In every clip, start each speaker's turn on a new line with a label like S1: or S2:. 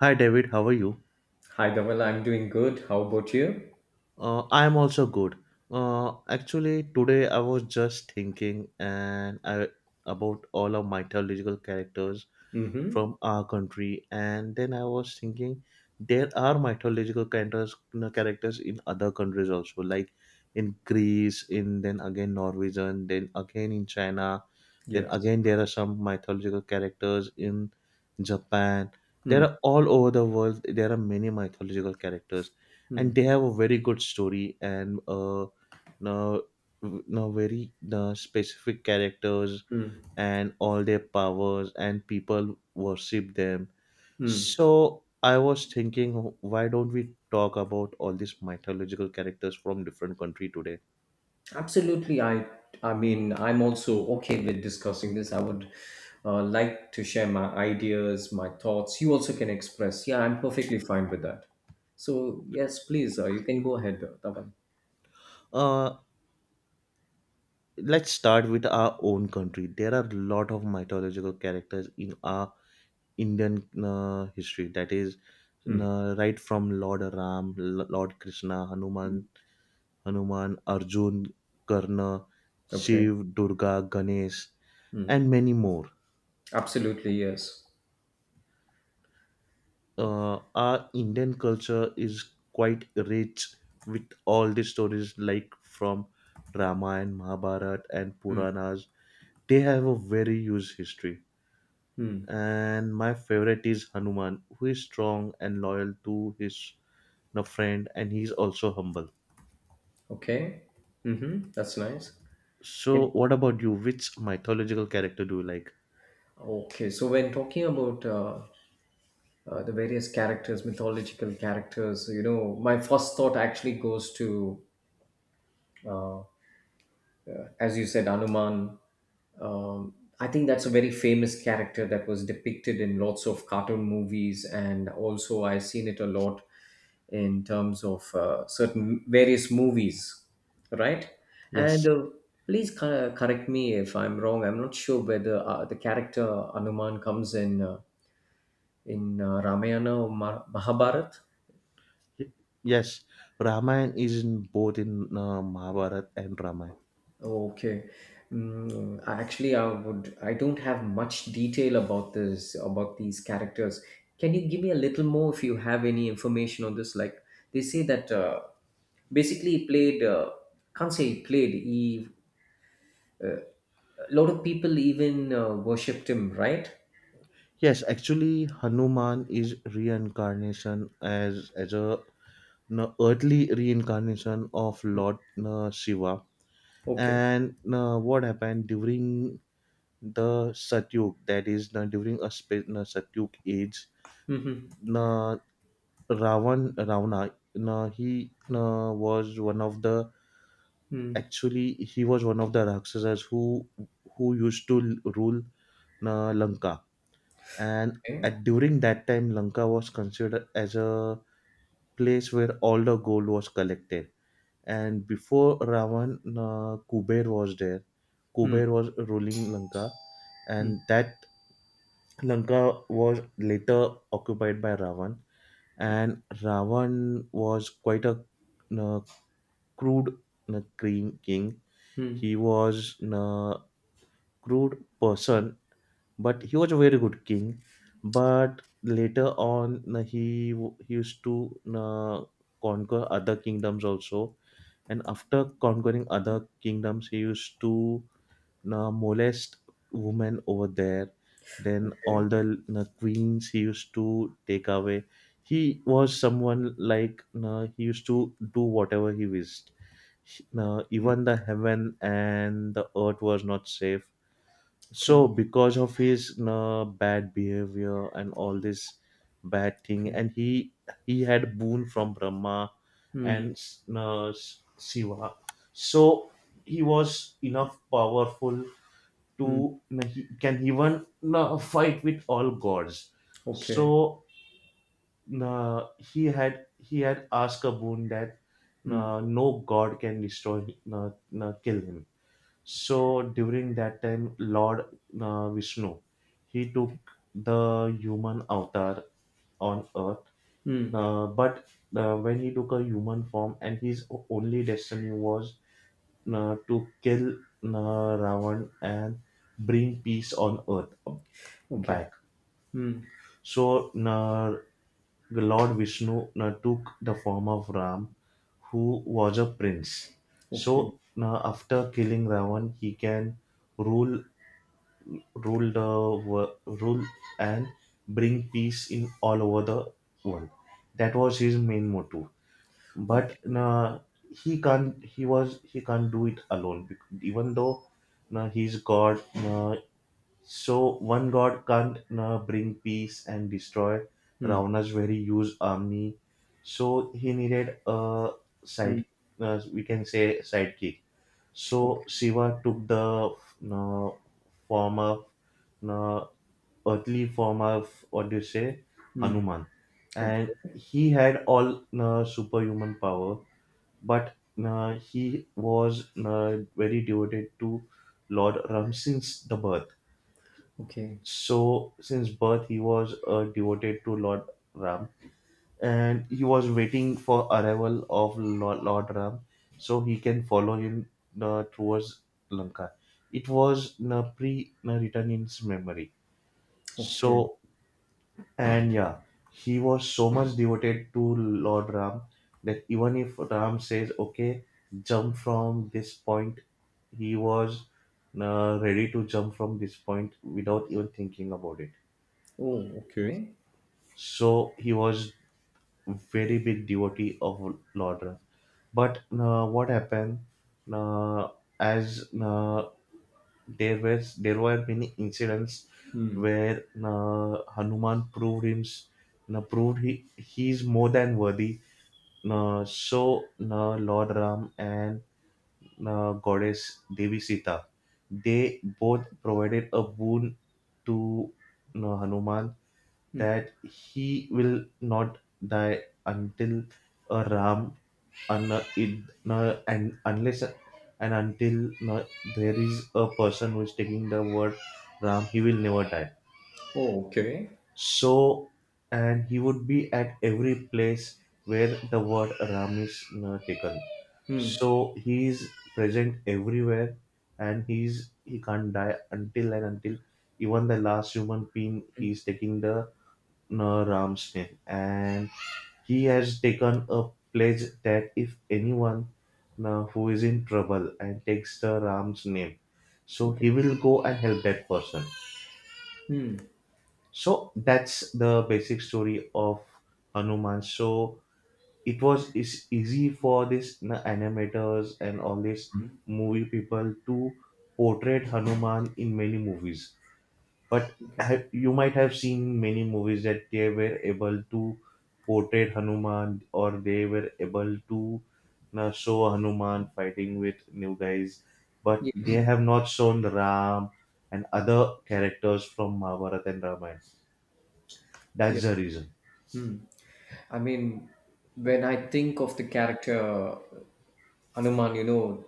S1: Hi David, how are you?
S2: Hi, Dhaval. I'm doing good. How about you?
S1: I am also good. Actually, today I was just thinking and I about all of mythological characters
S2: Mm-hmm.
S1: from our country, and then I was thinking there are mythological characters in other countries also, like in Greece, in then again Norwegian, then again in China, then
S2: Yes.
S1: again there are some mythological characters in Japan. There
S2: Mm,
S1: are all over the world. There are many mythological characters, and
S2: mm,
S1: they have a very good story, and no, no very specific characters,
S2: mm,
S1: and all their powers and people worship them.
S2: mm.
S1: So I was thinking, why don't we talk about all these mythological characters from different country today?
S2: Absolutely. I mean, I'm also okay with discussing this. I would like to share my ideas, my thoughts. You also can express. Yeah, I'm perfectly fine with that. So, yes, please, you can go ahead, Dhaval.
S1: uh let's start with our own country. There are a lot of mythological characters in our Indian history, that is
S2: Mm,
S1: right from Lord Ram, Lord Krishna, Hanuman, Arjun, Karna,
S2: okay.
S1: Shiv, Durga, Ganesh,
S2: Mm,
S1: and many more.
S2: absolutely, yes.
S1: Our Indian culture is quite rich with all the stories, like from Ramayana, Mahabharata, and
S2: Mm,
S1: Puranas. They have a very huge history.
S2: mm,
S1: And my favorite is Hanuman, who is strong and loyal to his a friend, and he's also humble.
S2: okay. Mm-hmm. That's nice.
S1: So,
S2: And,
S1: what about you? Which mythological character do you like?
S2: okay. So, when talking about the various characters, mythological characters. You know, my first thought actually goes to, uh, uh, as you said, Anuman. Um, I think that's a very famous character that was depicted in lots of cartoon movies, and also I've seen it a lot in terms of certain various movies, right? And
S1: Yes.
S2: please correct me if I'm wrong. I'm not sure whether the character Anuman comes in Ramayana or Mahabharata.
S1: Yes, Ramayana is in both in Mahabharata and Ramayana.
S2: Okay. Mm, actually, I would. I don't have much detail about this, about these characters. Can you give me a little more if you have any information on this? Like they say that basically he played. Can't say he played. He a lot of people even worshipped him, right?
S1: Yes, actually, Hanuman is reincarnation as a no, earthly reincarnation of Lord no, Shiva.
S2: Okay.
S1: And no, what happened during the Satyug? That is no, during a no, Satyug age.
S2: Mm-hmm.
S1: No, Ravan Ravana. No, he no, was one of the
S2: Mm.
S1: Actually, he was one of the Rakshasas who used to rule Lanka, and
S2: Okay.
S1: at during that time, Lanka was considered as a place where all the gold was collected. And before Ravan, Kuber was there.
S2: Mm.
S1: Kuber was ruling Lanka,
S2: Mm.
S1: and that Lanka was later occupied by Ravan. And Ravan was quite a uh, crude cream king.
S2: Mm.
S1: He was crude person, but he was a very good king. But later on, he used to conquer other kingdoms also. And after conquering other kingdoms, he used to molest women over there. Then
S2: Okay.
S1: all the queens he used to take away. He was someone like he used to do whatever he wished. Even the heaven and the earth was not safe,
S2: Okay.
S1: so because of his bad behavior and all this bad thing,
S2: Okay.
S1: and he had boon from Brahma
S2: Mm.
S1: and uh, Shiva, so he was enough powerful
S2: Mm.
S1: to he can even fight with all gods.
S2: Okay.
S1: So he had asked a boon that
S2: Mm.
S1: no god can destroy uh, kill him. So during that time, Lord Vishnu, he took the human avatar on earth.
S2: Mm.
S1: But when he took a human form, and his only destiny was to kill Ravan and bring peace on earth
S2: Okay.
S1: back.
S2: Mm.
S1: So the Lord Vishnu took the form of Ram, who was a prince.
S2: Okay.
S1: So after killing Ravan, he can rule rule and bring peace in all over the world. That was his main motto. But
S2: Okay.
S1: he can't. He was. He can't do it alone. Even though he's God, so one god can't bring peace and destroy
S2: Mm.
S1: Ravana's very huge army. So he needed a
S2: Mmh.
S1: side, we can say sidekick.
S2: O
S1: So Shiva took the form of uh, earthly form of, what do you say,
S2: mmh.
S1: Hanuman, and
S2: Okay,
S1: he had all superhuman power, but he was very devoted to Lord Ram since the birth.
S2: okay,
S1: So, since birth, he was devoted to Lord Ram, and he was waiting for arrival of Lord Ram, so he can follow him towards Lanka. It was pre-written in his memory.
S2: okay.
S1: So, and yeah, he was so much devoted to Lord Ram that even if Ram says, "Okay, jump from this point," he was ready to jump from this point without even thinking about it.
S2: Oh, okay.
S1: So he was very big devotee of Laudra. But what happened? Uh, as there were many incidents
S2: Mm,
S1: where Hanuman proved him proved he is more than worthy. So Lord Ram and Goddess Devi Sita, they both provided a boon to Hanuman
S2: mm.
S1: that he will not die until a ram and unless and until there is a person who is taking the word ram, he will never die.
S2: Oh, okay.
S1: So, and he would be at every place where the word ram is taken, so
S2: Mm,
S1: he is present everywhere, and he can't die until even the last human being he
S2: mm.
S1: is taking the Ramsden. And he has taken a pledge that if anyone who is in trouble and takes the Ram's name, so he
S2: Okay.
S1: will go and help that person.
S2: Mm,
S1: So that's the basic story of Hanuman. So it was is easy for this you animators and all these
S2: mm.
S1: movie people to portray Hanuman in many movies, but
S2: Okay.
S1: you might have seen many movies that they were able to portray Hanuman or they were able to now show Hanuman fighting with new guys, but
S2: Yes,
S1: they have not shown Ram and other characters from Mahabharata and Ramayana. That's
S2: yes.
S1: the reason.
S2: Mm. I mean, when I think of the character Hanuman,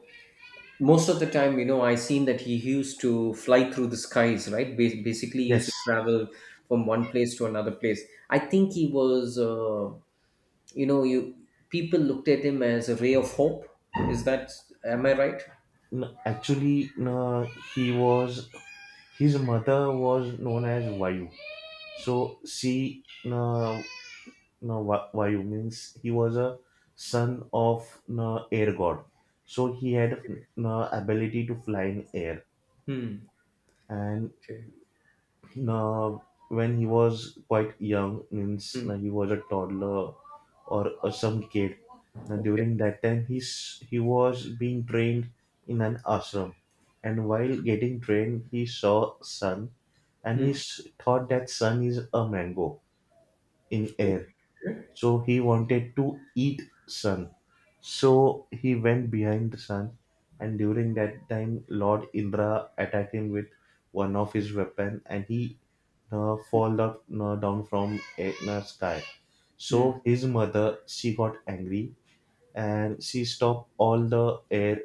S2: most of the time, I seen that he used to fly through the skies, right? Ba Basically, he used to
S1: Yes,
S2: travel from one place to another place. I think he was, you know you people looked at him as a ray of hope. Is that am I right?
S1: no, actually, no, he was his mother was known as Vayu, so she no, no, Vayu means he was a son of no, air god. So he had no, ability to fly in air.
S2: Hmm.
S1: And
S2: Okay.
S1: no, when he was quite young, means no,
S2: Hmm.
S1: he was a toddler or some kid. Now, during
S2: Okay.
S1: that time, he was being trained in an ashram. And while getting trained, he saw sun, and he
S2: Hmm.
S1: thought that sun is a mango in air,
S2: Okay.
S1: so he wanted to eat sun, so he went behind the sun, and during that time Lord Indra attacked him with one of his weapon, and he fall up, down from a sky. So
S2: Hmm.
S1: his mother, she got angry, and she stopped all the air,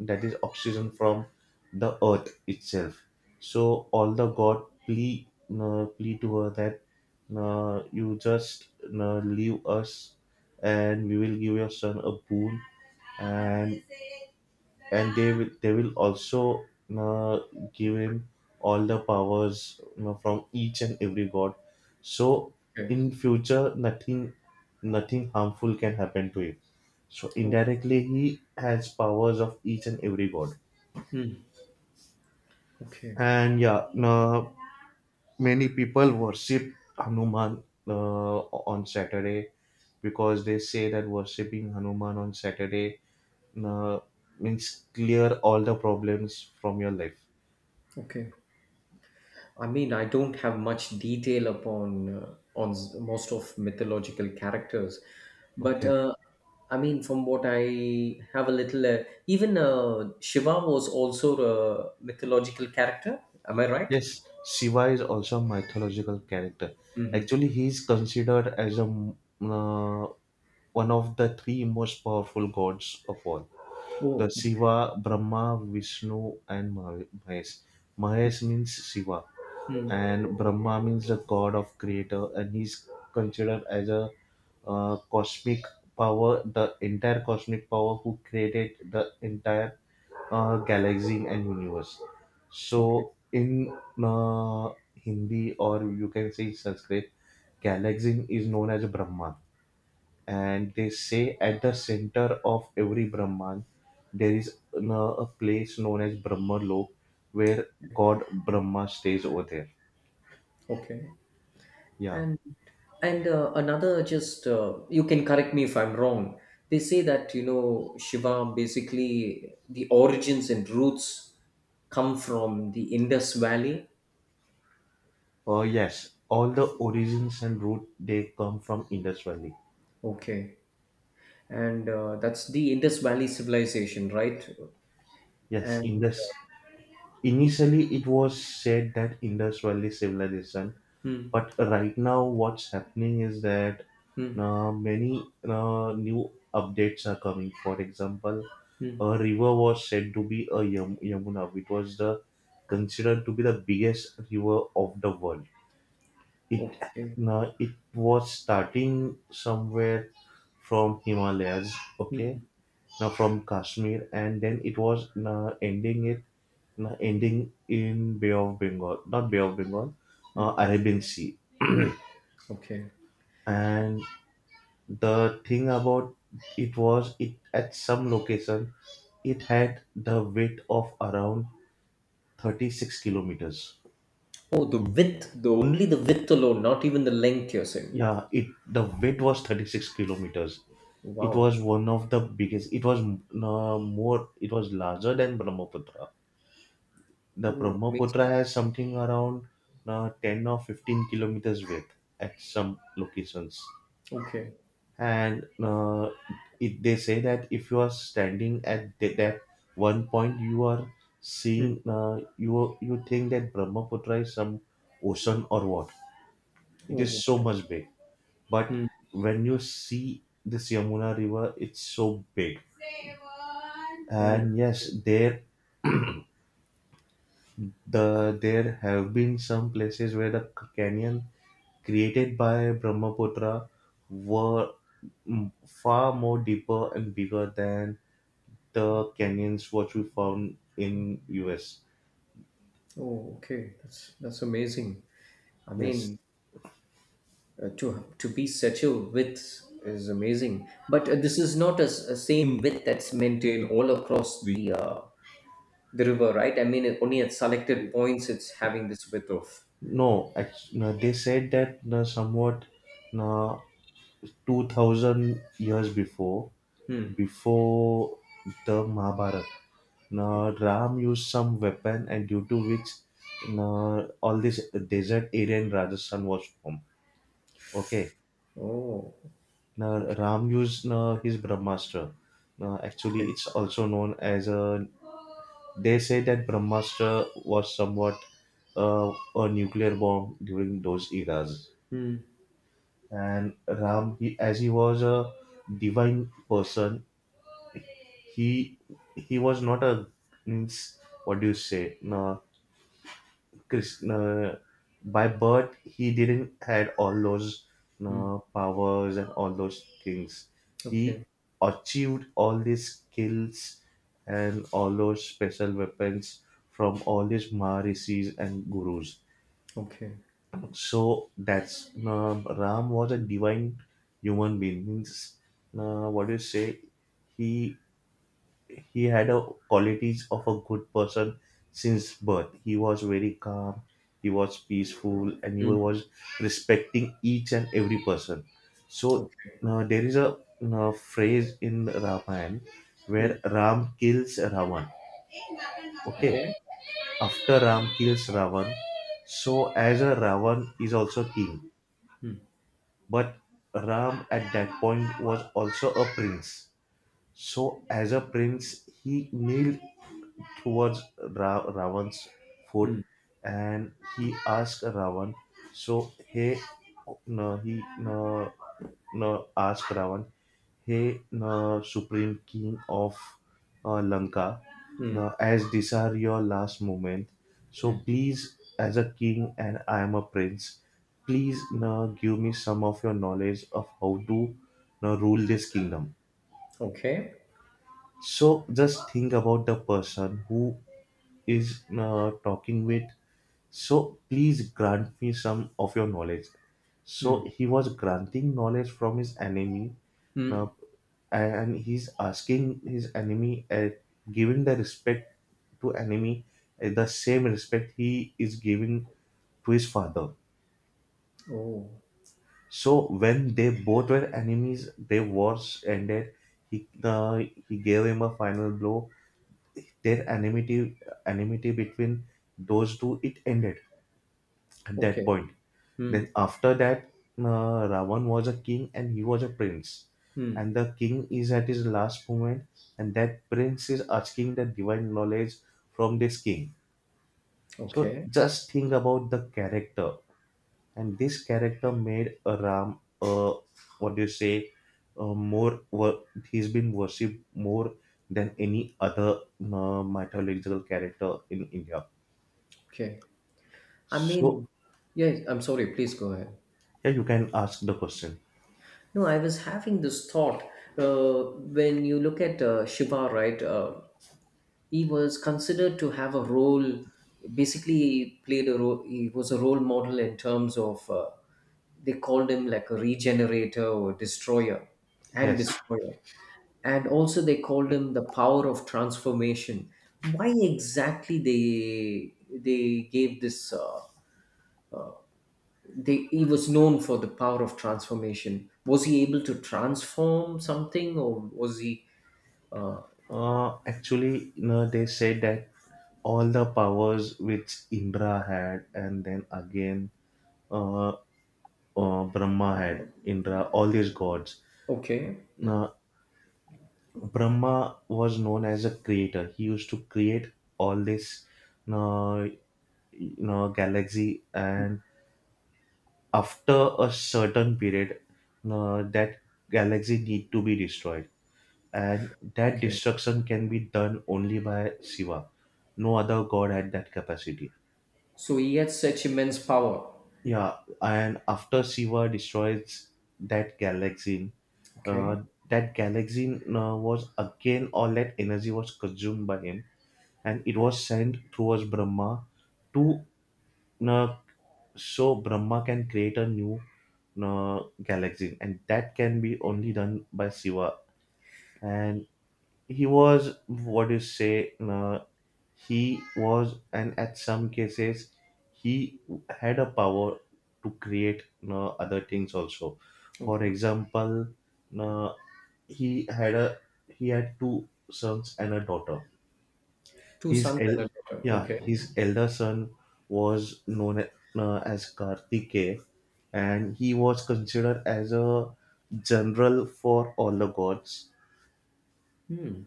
S1: that is oxygen, from the earth itself. So all the god plea to her that you just leave us, and we will give your son a boon, and and they will also uh, give him all the powers, from each and every god, so
S2: Okay.
S1: in future nothing harmful can happen to him, so
S2: Oh,
S1: indirectly, he has powers of each and every god.
S2: hmm. Okay.
S1: And yeah, no, many people worship Hanuman on Saturday because they say that worshipping Hanuman on Saturday uh, means clear all the problems from your life.
S2: Okay. I mean, I don't have much detail upon on most of mythological characters, but
S1: Okay.
S2: I mean, from what I have a little, even Shiva was also a mythological character. Am I right?
S1: Yes, Shiva is also a mythological character.
S2: Mm-hmm.
S1: Actually, he is considered as a uh, one of the three most powerful gods of all. The
S2: Oh. Okay.
S1: Shiva, Brahma, Vishnu, and Mahesh. Mahesh means Shiva,
S2: Mm.
S1: and Brahma means the god of creator, and he's considered as a cosmic power, the entire cosmic power who created the entire galaxy and universe.
S2: Okay.
S1: So, in uh, Hindi, or you can say Sanskrit, galaxy is known as Brahma, and they say at the center of every Brahman there is a place known as Brahma Lok, where God Brahma stays over there.
S2: Okay.
S1: Yeah.
S2: And and another just you can correct me if I'm wrong. They say that you know Shiva basically the origins and roots come from the Indus Valley.
S1: Yes, all the origins and root, they come from Indus Valley.
S2: Okay. And that's the Indus Valley civilization, right?
S1: Yes,
S2: And
S1: Indus Initially, it was said that Indus Valley civilization,
S2: Hmm.
S1: but right now, what's happening is that
S2: Hmm.
S1: many new updates are coming. For example,
S2: Hmm.
S1: a river was said to be a Yamuna, which was the considered to be the biggest river of the world. It
S2: Okay.
S1: now it was starting somewhere from Himalayas,
S2: Hmm.
S1: okay,
S2: Hmm.
S1: now from Kashmir, and then it was now ending it ending in Bay of Bengal, not Bay of Bengal,
S2: Hmm.
S1: Arabian Sea.
S2: Okay.
S1: And the thing about it was, it at some location, it had the weight of around 36 kilometers.
S2: Oh, the width, the only the width alone, not even the length you're saying.
S1: Yeah, it the weight was 36 kilometers. It
S2: Wow.
S1: was one of the biggest. It was more. It was larger than Brahmaputra. The
S2: Oh,
S1: Brahmaputra
S2: amazing.
S1: has something around 10 or 15 kilometers width at some locations,
S2: Okay.
S1: and it, they say that if you are standing at that one point, you are seeing, you think that Brahmaputra is some ocean or what, it
S2: Oh,
S1: is so
S2: okay.
S1: much big. But
S2: Hmm.
S1: when you see this Yamuna river, it's so big.
S2: Oh,
S1: And yes, there there have been some places where the canyon created by Brahmaputra were, far more deeper and bigger than the canyons what we found in US.
S2: oh, okay. That's amazing. I
S1: Yes.
S2: mean, to be such a width is amazing. But this is not a, s- a same width that's maintained all across the river, right? I mean, only at selected points it's having this width of.
S1: No, no, they said that no, somewhat no, 2000 years before,
S2: Hmm.
S1: before the Mahabharata, no, Ram used some weapon, and due to which no, all this desert area in Rajasthan was formed. Okay.
S2: Oh,
S1: Now,
S2: okay,
S1: Ram used no, his Brahmastra. Now, actually,
S2: okay.
S1: it's also known as a. They say that Brahmastra was somewhat a nuclear bomb during those eras.
S2: Hmm.
S1: And Ram, as he was a divine person, he he was not a means what do you say? No, Krishna, by birth, he didn't had all those
S2: Hmm.
S1: powers and all those things. He
S2: Okay.
S1: achieved all these skills and all those special weapons from all these Maharishis and gurus.
S2: Okay.
S1: So that's Ram was a divine human being. Means, what do you say? He he had a qualities of a good person since birth. He was very calm, he was peaceful, and he
S2: Hmm.
S1: was respecting each and every person. So
S2: Okay.
S1: there is a phrase in Ramayana
S2: Hmm.
S1: where Ram kills Ravan. Okay,
S2: Okay.
S1: after Ram kills Ravan, so as a Ravan is also king,
S2: Hmm.
S1: but Ram at that point was also a prince, so as a prince, he kneeled towards Ravan's foot
S2: Hmm.
S1: and he asked Ravan. So, he no, no, asked Ravan, "Hey, no, Supreme King of Lanka,
S2: Hmm.
S1: no, as these are your last moment, so
S2: Hmm.
S1: please, as a king and I am a prince, please no, give me some of your knowledge of how to no, rule this kingdom."
S2: Okay.
S1: So just think about the person who is talking with. So please grant me some of your knowledge.
S2: Hmm.
S1: So he was granting knowledge from his enemy.
S2: Hmm.
S1: Now and he's asking his enemy, giving the respect to enemy, the same respect he is giving to his father.
S2: Oh.
S1: So when they both were enemies, their wars ended, he uh, he gave him a final blow. Their enmity between those two, it ended at that
S2: Okay.
S1: point. Then
S2: Hmm.
S1: after that, ravan was a king and he was a prince,
S2: Hmm.
S1: and the king is at his last moment and that prince is asking the divine knowledge from this king. So
S2: Okay.
S1: just think about the character, and this character made a ram what do you say, uh, more wor- he's been worshipped more than any other mythological character in India.
S2: Okay. I
S1: So,
S2: mean, yes. I'm sorry. Please go ahead.
S1: yeah, you can ask the question.
S2: No, I was having this thought. Uh, when you look at Shiva, right? He was considered to have a role. Basically, he played a role. He was a role model in terms of. They called him like a regenerator or destroyer, and
S1: Yes.
S2: destroyer, and also they called him the power of transformation. Why exactly they gave this? He was known for the power of transformation. Was he able to transform something, or was he? Uh,
S1: Actually, you know, they said that all the powers which Indra had, and then again, uh, Brahma had, Indra, all these gods.
S2: okay,
S1: Now, Brahma was known as a creator. He used to create all this, uh, you know, galaxy, and after a certain period, that galaxy need to be destroyed and that
S2: okay.
S1: destruction can be done only by Shiva. No other god had that capacity.
S2: So he had such immense power.
S1: Yeah, and after Shiva destroys that galaxy, uh,
S2: Okay,
S1: that galaxy was again all that energy was consumed by him, and it was sent towards Brahma to uh, so Brahma can create a new galaxy, and that can be only done by Shiva. And he was what do you say? He was, and at some cases, he had a power to create, you know, other things also. For
S2: okay.
S1: example, you know, he had a he had two sons and a daughter.
S2: Two
S1: His
S2: sons
S1: el-
S2: and a daughter.
S1: yeah,
S2: Okay.
S1: his elder son was as Kartikeya, and he was considered as a general for all the gods.
S2: Hmm.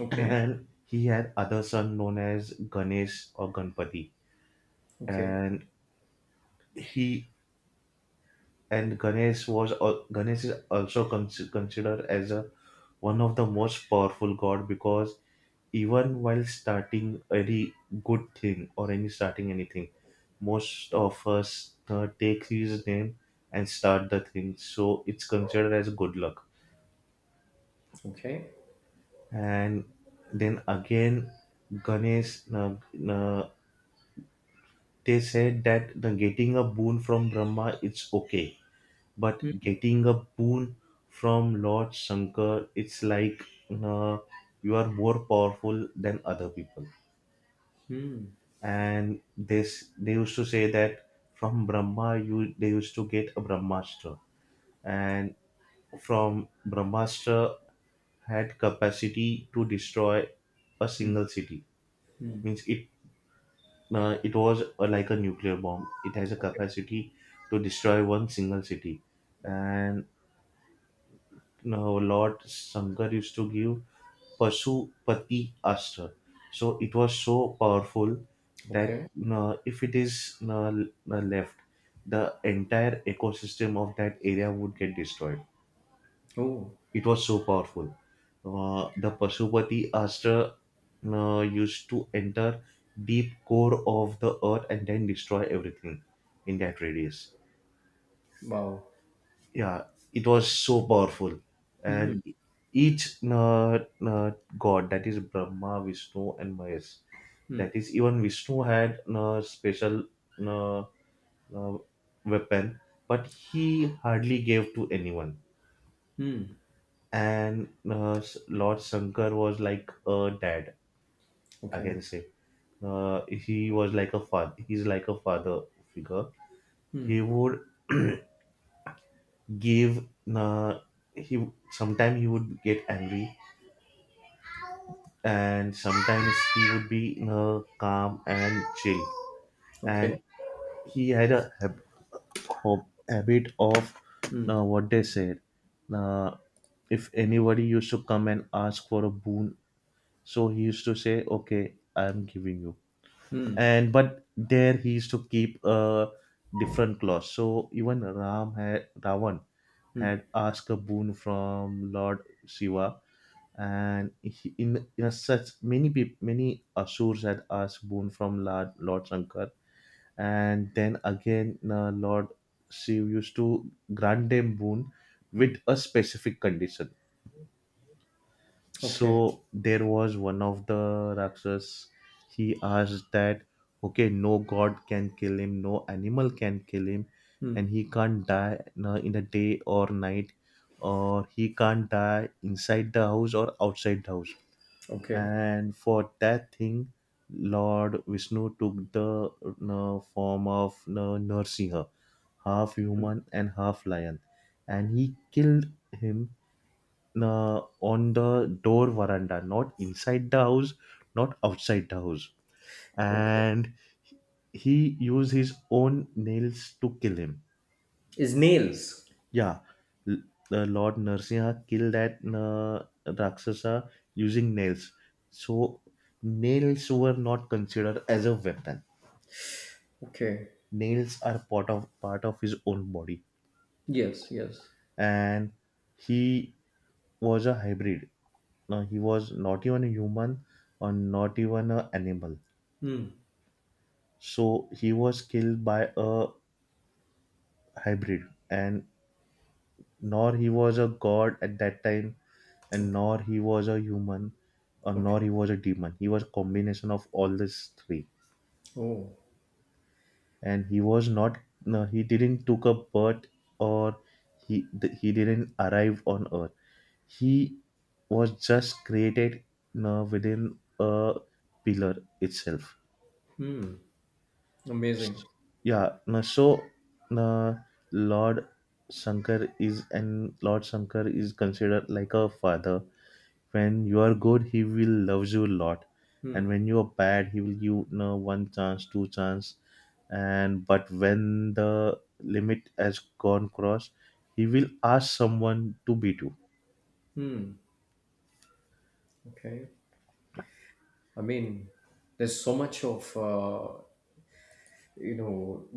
S2: Okay.
S1: And he had other son known as Ganesh or Ganpati,
S2: Okay.
S1: and he and Ganesh is also considered as a one of the most powerful god, because even while starting any good thing or any starting anything, most of us take his name and start the thing. So it's considered as good luck.
S2: Okay.
S1: And then again, Ganesh, uh, they said that the getting a boon from Brahma, it's okay, but
S2: Hmm.
S1: getting a boon from Lord Shankar, it's like, uh, you are more powerful than other people.
S2: Hmm.
S1: And this, they used to say that from Brahma, you they used to get a Brahmastra, and from Brahmastra had capacity to destroy a
S2: Hmm.
S1: single city.
S2: Hmm.
S1: Means it, it was like a nuclear bomb. It has a
S2: Okay.
S1: capacity to destroy one single city, and no, Lord Shankar used to give Pasupati Ashtra. So it was so powerful that
S2: Okay.
S1: no, if it is no, no, left, the entire ecosystem of that area would get destroyed.
S2: Oh.
S1: It was so powerful. The Pasupati Ashtra, no, used to enter deep core of the earth and then destroy everything in that radius.
S2: Wow.
S1: Yeah, it was so powerful. And
S2: Hmm.
S1: each uh, god, that is Brahma, Vishnu and Mahesh,
S2: Hmm.
S1: that is even Vishnu had a special uh, uh, weapon, but he hardly gave to anyone.
S2: Hmm.
S1: And Lord Shankar was like a dad, I
S2: Okay.
S1: can say. Uh, he was like a father, he's like a father figure.
S2: Hmm.
S1: He would give, uh, he sometime he would get angry and sometimes he would be calm and chill.
S2: Okay.
S1: And he had a habit of,
S2: Hmm.
S1: what they said, uh, if anybody used to come and ask for a boon, so he used to say, "Okay, I'm giving you,"
S2: Hmm.
S1: and but there he used to keep a different clause. So even ram had ravan had
S2: Hmm.
S1: asked a boon from Lord Shiva, and he, in a such many many Asurs had asked boon from Lord Shankar, and then again, Lord Shiv used to grant them boon with
S2: Hmm.
S1: a specific condition.
S2: Okay.
S1: So there was one of the Rakshas. He asked that, okay, no god can kill him, no animal can kill him,
S2: Hmm.
S1: and he can't die na in a day or night, or he can't die inside the house or outside the house.
S2: Okay.
S1: And for that thing, Lord Vishnu took the form of Narsinha, half
S2: Hmm.
S1: human and half lion, and he killed him on the door veranda, not inside the house, not outside the house.
S2: Okay.
S1: And he used his own nails to kill him.
S2: Is nails.
S1: Yeah, L- the Lord Narsiha killed that Rakshasa using nails. So nails were not considered as a weapon.
S2: Okay.
S1: Nails are part of his own body,
S2: Yes, yes.
S1: and he was a hybrid. Now he was not even a human or not even an animal.
S2: Hmm.
S1: So he was killed by a hybrid, and nor he was a god at that time, and
S2: Okay.
S1: nor he was a human, or
S2: Okay.
S1: nor he was a demon. He was a combination of all these three,
S2: Oh.
S1: and he was not. No, he didn't took a birth, or he didn't arrive on Earth. He was just created no, within a pillar itself.
S2: Hmm. Amazing.
S1: Yeah, no, so uh, Lord Lord Shankar is considered like a father. When you are good, he will love you a lot,
S2: Hmm.
S1: and when you are bad, he will give, you know, one chance, two chance, and but when the limit has gone cross, he will ask someone to beat you.
S2: Hmm. Okay. I mean, there's so much of you know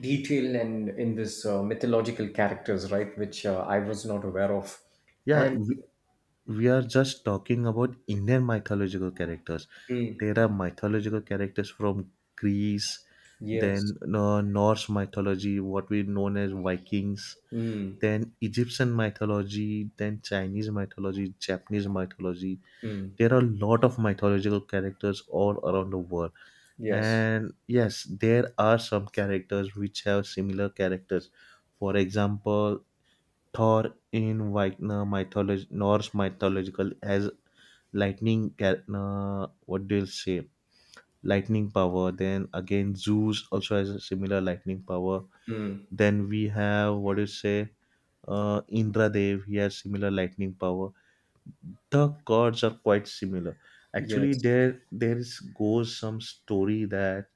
S2: detail and in this mythological characters, right? Which I was not aware of.
S1: Yeah,
S2: And
S1: we, we are just talking about Indian mythological characters.
S2: Hmm.
S1: There are mythological characters from Greece,
S2: Yes.
S1: then Norse mythology, what we known as Vikings,
S2: Hmm.
S1: then Egyptian mythology, then Chinese mythology, Japanese mythology.
S2: Hmm.
S1: There are a lot of mythological characters all around the world.
S2: Yes.
S1: And yes, there are some characters which have similar characters. For example, Thor in Wagner mythology, Norse mythological as lightning. What do you say? Lightning power. Then again, Zeus also has a similar lightning power.
S2: Hmm.
S1: Then we have what do you say? Indra Dev. He has similar lightning power. The gods are quite similar. Actually,
S2: Yes.
S1: there is goes some story that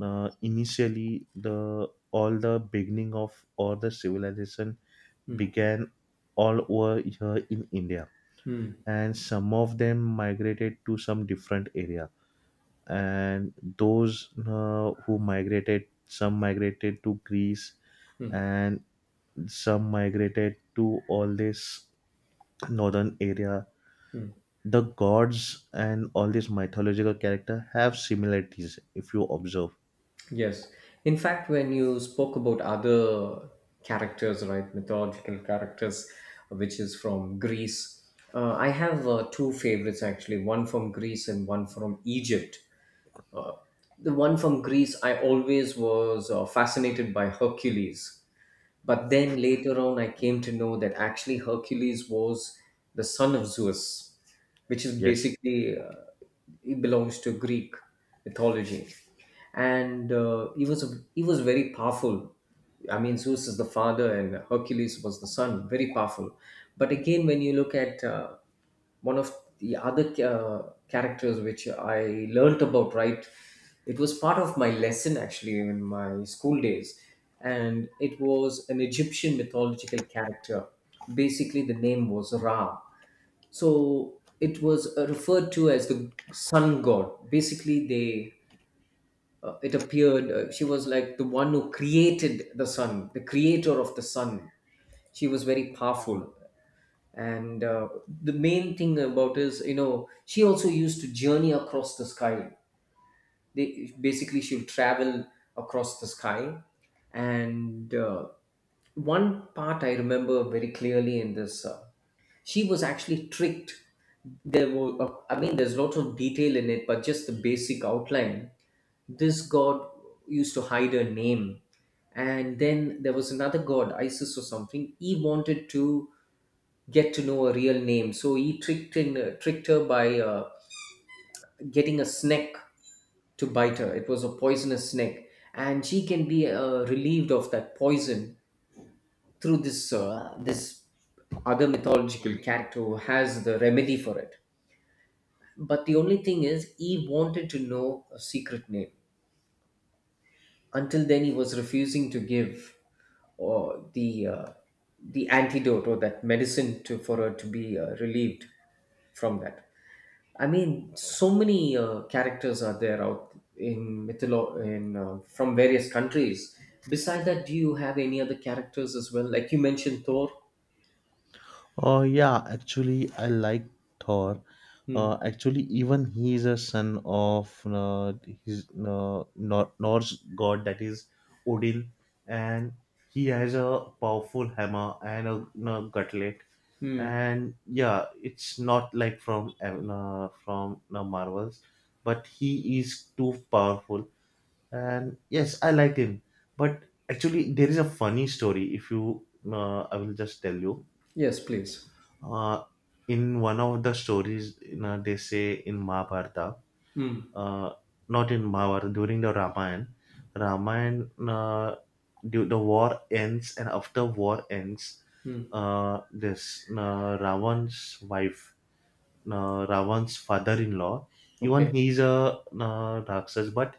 S1: initially the all the beginning of all the civilization
S2: Hmm.
S1: began all over here in India,
S2: Hmm.
S1: and some of them migrated to some different area. And those who migrated, some migrated to Greece, and some migrated to all this northern area. The gods and all these mythological character have similarities, if you observe.
S2: Yes. In fact, when you spoke about other characters, right, mythological characters, which is from Greece, I have two favorites actually, one from Greece and one from Egypt. The one from Greece, I always was fascinated by Hercules. But then later on, I came to know that actually Hercules was the son of Zeus, which is
S1: Yes.
S2: basically, it belongs to Greek mythology. And he was very powerful. I mean, Zeus is the father and Hercules was the son, very powerful. But again, when you look at one of the other characters which I learnt about, right? It was part of my lesson actually in my school days, and it was an Egyptian mythological character. Basically, the name was Ra. So it was referred to as the sun god. Basically, they it appeared she was like the one who created the sun, the creator of the sun. She was very powerful and the main thing about is you know she also used to journey across the sky. They basically she will travel across the sky, and one part I remember very clearly in this she was actually tricked. There were I mean there's lots of detail in it, but just the basic outline, this god used to hide her name. And then there was another god Isis or something, he wanted to get to know a real name. So he tricked in tricked her by getting a snake to bite her. It was a poisonous snake, and she can be relieved of that poison through this other mythological character who has the remedy for it. But the only thing is, he wanted to know a secret name. Until then, he was refusing to give or the antidote or that medicine to for her to be relieved from that. I mean, so many characters are there out in from various countries. Besides that, do you have any other characters as well? Like you mentioned Thor.
S1: Oh yeah, actually I like Thor.
S2: Hmm.
S1: Actually, even he is a son of his Nor- Norse god, that is Odin, and he has a powerful hammer and a, you gutlet.
S2: Hmm.
S1: And yeah, it's not like from Marvels, but he is too powerful. And yes, I liked him. But actually, there is a funny story. If you, I will just tell you,
S2: Yes, please.
S1: uh, in one of the stories, you know, they say in mahabharata,
S2: Hmm.
S1: uh, not in mahabharata during the ramayana, uh, the war ends and after war ends,
S2: Hmm.
S1: this ravan's father-in-law, even
S2: Okay.
S1: he's a raksas, but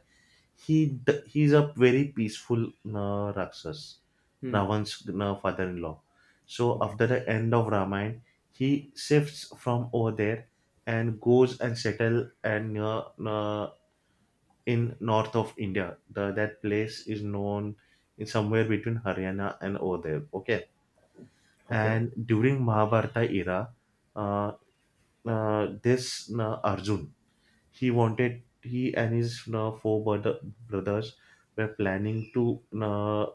S1: he's a very peaceful raksas,
S2: Hmm.
S1: Ravan's father-in-law. So
S2: Okay.
S1: after the end of Ramayana, he shifts from over there and goes and settle and near, in north of India. The, that place is known in somewhere between Haryana and over there. Okay,
S2: Okay.
S1: and during Mahabharata era, uh, this Arjun, he wanted, he and his brothers were planning to uh,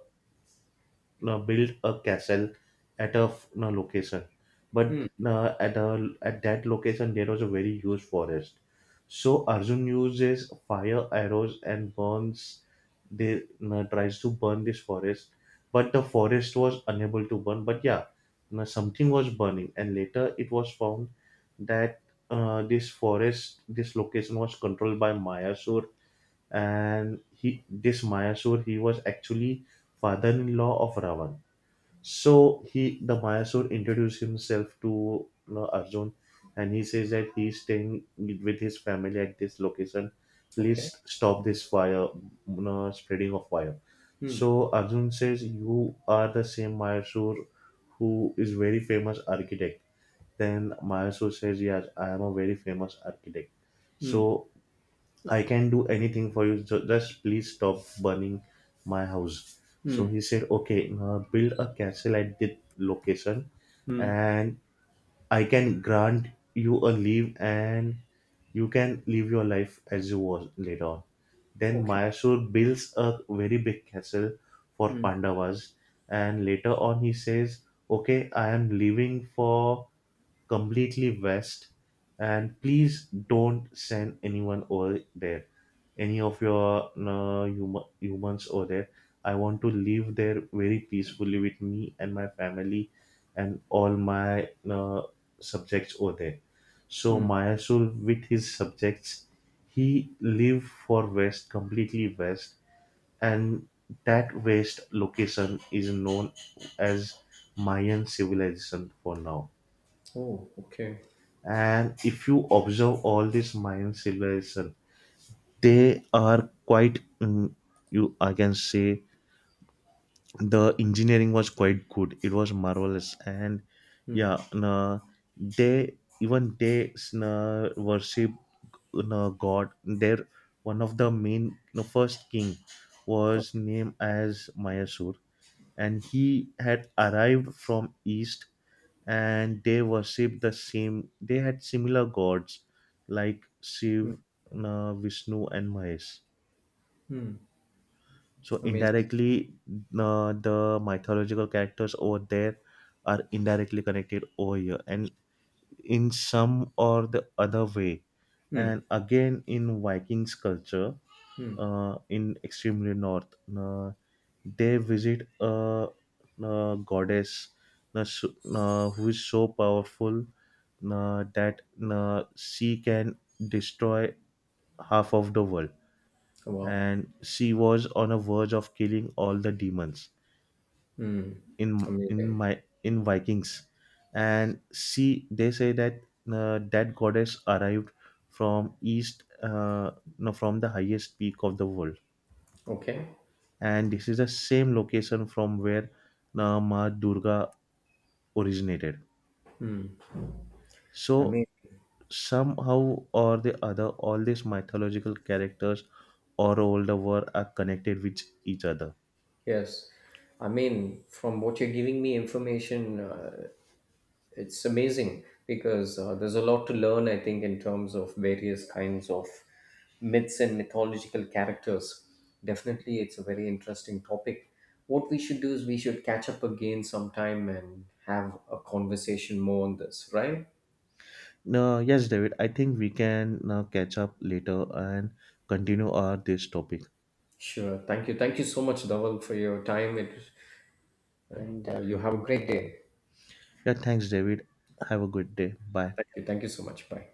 S1: uh, build a castle at a location, but
S2: Hmm.
S1: at that location there was a very huge forest. So arjun uses fire arrows and burns, they tries to burn this forest, but the forest was unable to burn. But yeah, something was burning and later it was found that this location was controlled by mayasur, and he this mayasur, he was actually father-in-law of ravan. So he, the Mayasur, introduced himself to, you know, Arjun, and he says that he's staying with his family at this location.
S2: Okay.
S1: Please stop this fire, you know, spreading of fire.
S2: Hmm.
S1: So Arjun says, "You are the same Mayasur who is very famous architect." Then Mayasur says, "Yes, I am a very famous architect.
S2: Hmm.
S1: So I can do anything for you. Just please stop burning my house." So
S2: Hmm.
S1: he said, okay, build a castle at this location
S2: Hmm.
S1: and I can grant you a leave and you can live your life as you was later on. Then
S2: Okay.
S1: Mayasur builds a very big castle for
S2: Hmm.
S1: Pandavas, and later on he says, "Okay, I am leaving for completely west, and please don't send anyone over there, any of your humans over there. I want to live there very peacefully with me and my family and all my subjects over there." So
S2: Hmm.
S1: Mayasul with his subjects, he lived for west, completely west, and that west location is known as Mayan civilization for now.
S2: Oh. Okay.
S1: And if you observe all these mayan civilization, they are quite mm, you, I can say the engineering was quite good, it was marvelous. And
S2: Hmm.
S1: yeah na, they, even they na worship na god, their one of the main the first king was
S2: Okay.
S1: named as mayasur, and he had arrived from east, and they worship the same, they had similar gods like shiv,
S2: Hmm.
S1: vishnu and mahesh.
S2: Hmm.
S1: So
S2: Amazing.
S1: indirectly, the mythological characters over there are indirectly connected over here and in some or the other way. And
S2: Hmm.
S1: again in vikings culture,
S2: Hmm.
S1: in extremely north. Uh, they visit a, uh, goddess, who is so powerful that, she can destroy half of the world.
S2: Wow.
S1: And she was on a verge of killing all the demons
S2: Hmm.
S1: in in
S2: Amazing.
S1: my in Vikings. And she, they say that, that goddess arrived from east, no, from the highest peak of the world,
S2: Okay.
S1: and this is the same location from where Ma Durga originated.
S2: I
S1: So
S2: mean,
S1: somehow or the other, all these mythological characters all over the world are connected with each other.
S2: yes. I mean, from what you're giving me information, it's amazing because there's a lot to learn, I think, in terms of various kinds of myths and mythological characters. Definitely, it's a very interesting topic. What we should do is we should catch up again sometime and have a conversation more on this, right?
S1: Now, yes, David, I think we can now catch up later and continue our this topic.
S2: Sure. Thank you. Thank you so much, Dhaval, for your time. It, and you have a great day.
S1: Yeah, thanks, David. Have a good day. Bye.
S2: Thank you. Thank you so much. Bye.